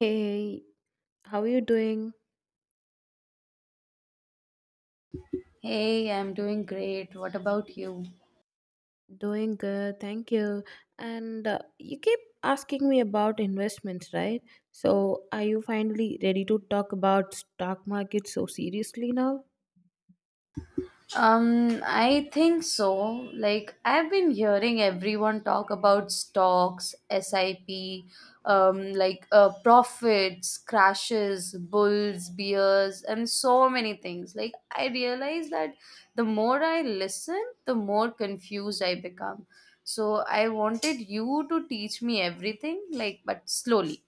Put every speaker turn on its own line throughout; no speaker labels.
Hey, how are you doing?
Hey, I'm doing great. What about you?
Doing good, thank you. And you keep asking me about investments, right? So, are you finally ready to talk about stock market so seriously now?
I think so. Like, I've been hearing everyone talk about stocks, SIP, profits, crashes, bulls, bears, and so many things. Like, I realize that the more I listen, the more confused I become. So, I wanted you to teach me everything, like, but slowly.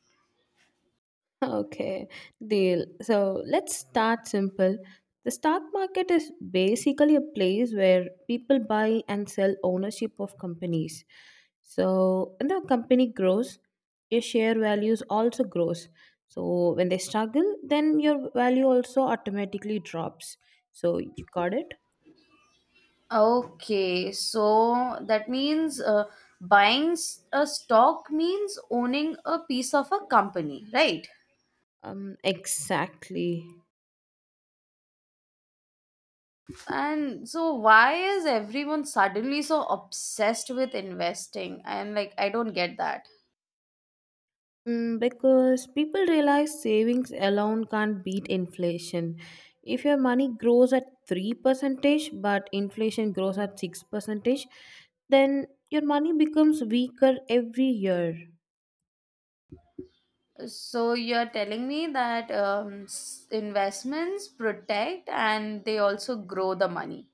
Okay, deal. So let's start simple. The stock market is basically a place where people buy and sell ownership of companies. So when the company grows, your share values also grows. So when they struggle, then your value also automatically drops. So you got it?
Okay, so that means a stock means owning a piece of a company, right?
Exactly.
And so, why is everyone suddenly so obsessed with investing? And like, I don't get that.
Mm, because people realize savings alone can't beat inflation. If your money grows at 3% but inflation grows at 6%, then your money becomes weaker every year.
So, you're telling me that investments protect and they also grow the money.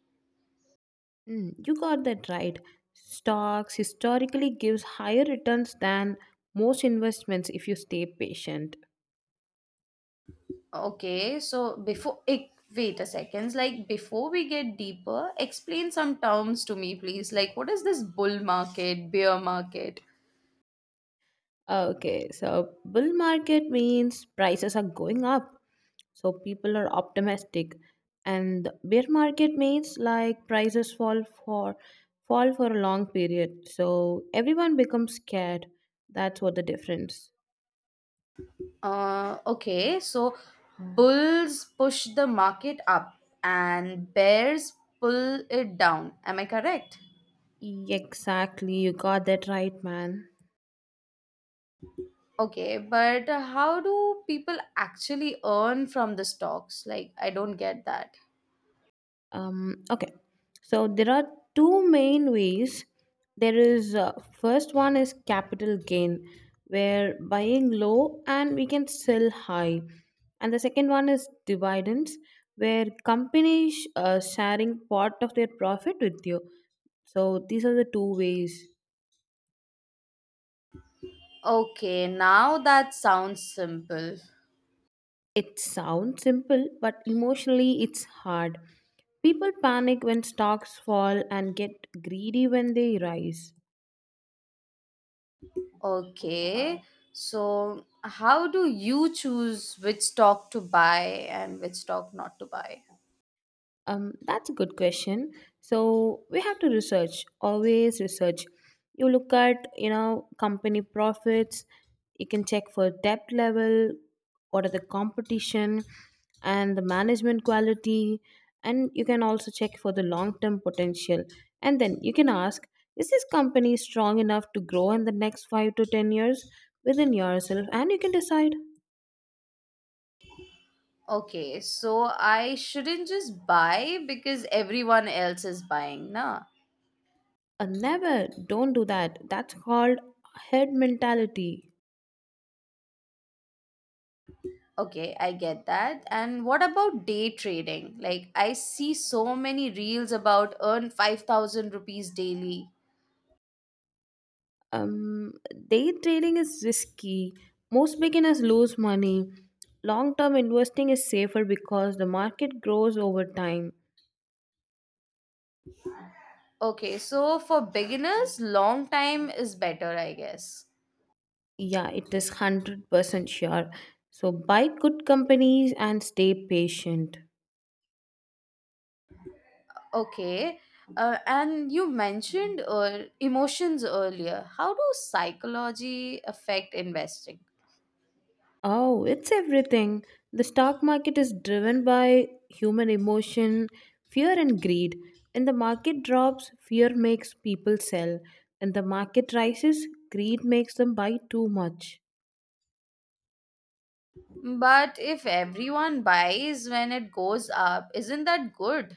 Mm, you got that right. Stocks historically gives higher returns than most investments if you stay patient.
Okay, so wait a second, like before we get deeper, explain some terms to me, please. Like, what is this bull market, bear market?
Okay, so bull market means prices are going up so people are optimistic and the bear market means like prices fall for a long period so everyone becomes scared. That's what the difference.
Okay, so bulls push the market up and bears pull it down. Am I correct?
Exactly, you got that right, man.
Okay, but how do people actually earn from the stocks? Like, I don't get that.
Okay, so there are two main ways. There is first one is capital gain where buying low and we can sell high, and the second one is dividends where companies sharing part of their profit with you. So these are the two ways.
Okay, now that sounds simple.
It sounds simple but emotionally it's hard. People panic when stocks fall and get greedy when they rise.
Okay. So, how do you choose which stock to buy and which stock not to buy?
That's a good question. So we have to research, always research. You look at, you know, company profits, you can check for debt level, what are the competition and the management quality, and you can also check for the long term potential. And then you can ask, is this company strong enough to grow in the next 5 to 10 years within yourself? And you can decide.
Okay, so I shouldn't just buy because everyone else is buying, nah.
Never, don't do that. That's called head mentality.
Okay, I get that. And what about day trading? Like, I see so many reels about earn 5,000 rupees daily.
Um, day trading is risky. Most beginners lose money. Long term investing is safer because the market grows over time.
Okay, so for beginners, long time is better, I guess.
Yeah, it is 100% sure. So buy good companies and stay patient.
Okay. And you mentioned emotions earlier. How do psychology affect investing?
Oh, it's everything. The stock market is driven by human emotion, fear, and greed. When the market drops, fear makes people sell. When the market rises, greed makes them buy too much.
But if everyone buys when it goes up, isn't that good?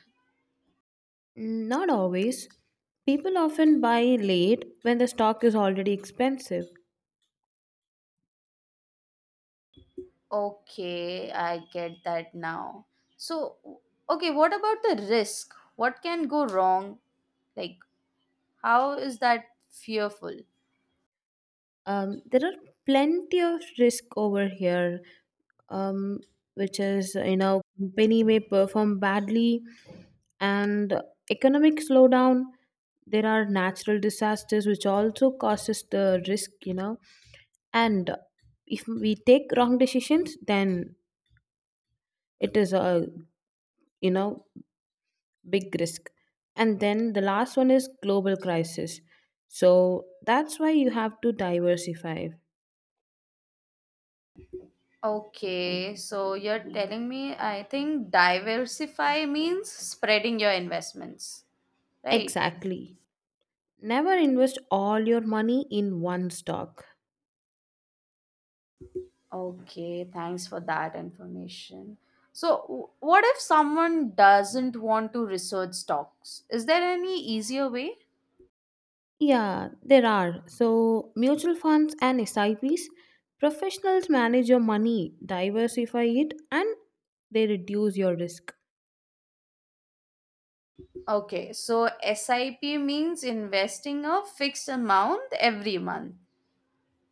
Mm, not always. People often buy late when the stock is already expensive.
Okay, I get that now. So, w- okay, what about the risk? What can go wrong? Like, how is that fearful?
There are plenty of risk over here, um, which is, you know, company may perform badly, and economic slowdown. There are natural disasters which also causes the risk, you know. And if we take wrong decisions, then it is a, you know, big risk, and then the last one is global crisis. So that's why you have to diversify.
Okay, so you're telling me I think diversify means spreading your investments, right?
Exactly, never invest all your money in one stock.
Okay, thanks for that information. So, what if someone doesn't want to research stocks? Is there any easier way?
Yeah, there are so mutual funds and S I Ps. Professionals manage your money, diversify it, and they reduce your risk.
Okay, so SIP means investing a fixed amount every month.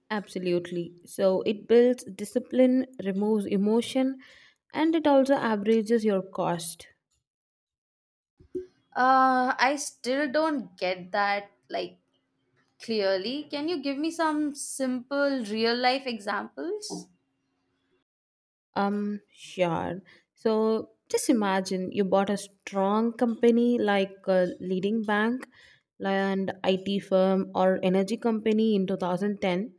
Absolutely, so it builds discipline, removes emotion, and it also averages your cost.
I still don't get that like clearly. Can you give me some simple real life examples?
Sure. So just imagine you bought a strong company like a leading bank and IT firm or energy company in 2010.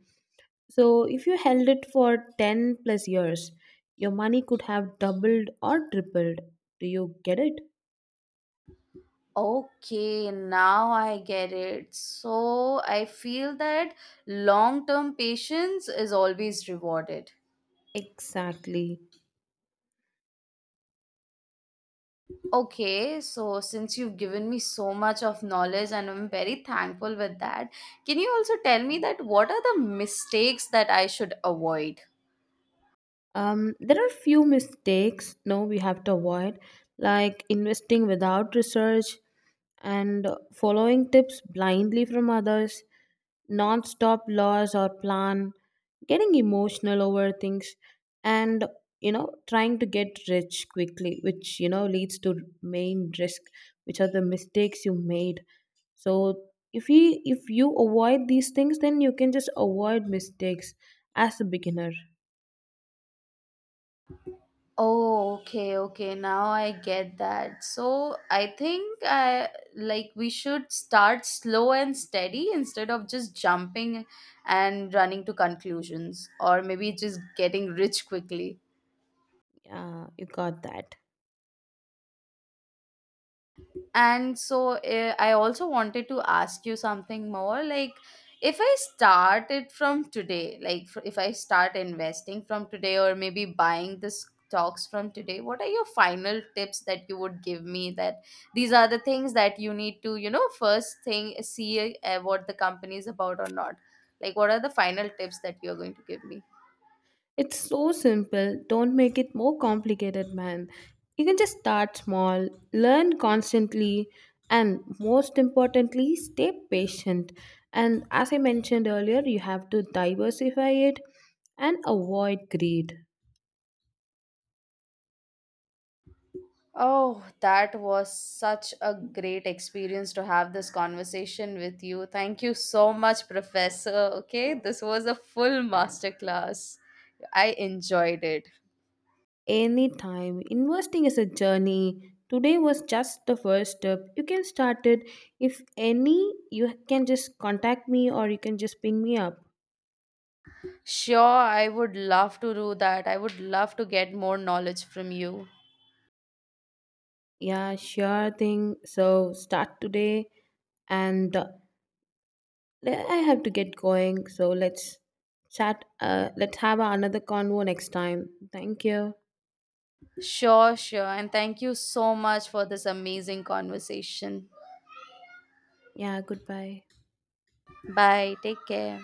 So if you held it for 10 plus years, your money could have doubled or tripled. Do you get it?
Okay, now I get it. So I feel that long term patience is always rewarded.
Exactly.
Okay, so since you've given me so much of knowledge and I'm very thankful with that, can you also tell me that what are the mistakes that I should avoid?
There are few mistakes, no, we have to avoid, like investing without research and following tips blindly from others, non-stop laws or plan, getting emotional over things, and you know trying to get rich quickly, which you know leads to main risk, which are the mistakes you made. So if you avoid these things, then you can just avoid mistakes as a beginner.
Oh, okay, okay. Now I get that. So I think I like we should start slow and steady instead of just jumping and running to conclusions, or maybe just getting rich quickly.
Yeah, you got that.
And I also wanted to ask you something more. Like, if I start it from today, if I start investing from today or maybe buying the stocks from today, what are your final tips that you would give me that these are the things that you need to, you know, first thing, see what the company is about or not? Like, what are the final tips that you're going to give me?
It's so simple. Don't make it more complicated, man. You can just start small, learn constantly, and most importantly, stay patient. And as I mentioned earlier, you have to diversify it and avoid greed.
Oh, that was such a great experience to have this conversation with you. Thank you so much, Professor. Okay, this was a full masterclass. I enjoyed it.
Anytime, investing is a journey. Today was just the first step. You can start it. If any, you can just contact me or you can just ping me up.
Sure, I would love to do that. I would love to get more knowledge from you.
Yeah, sure thing. So start today, and I have to get going. So let's chat. Let's have another convo next time. Thank you.
Sure, sure. And thank you so much for this amazing conversation.
Yeah, goodbye.
Bye. Take care.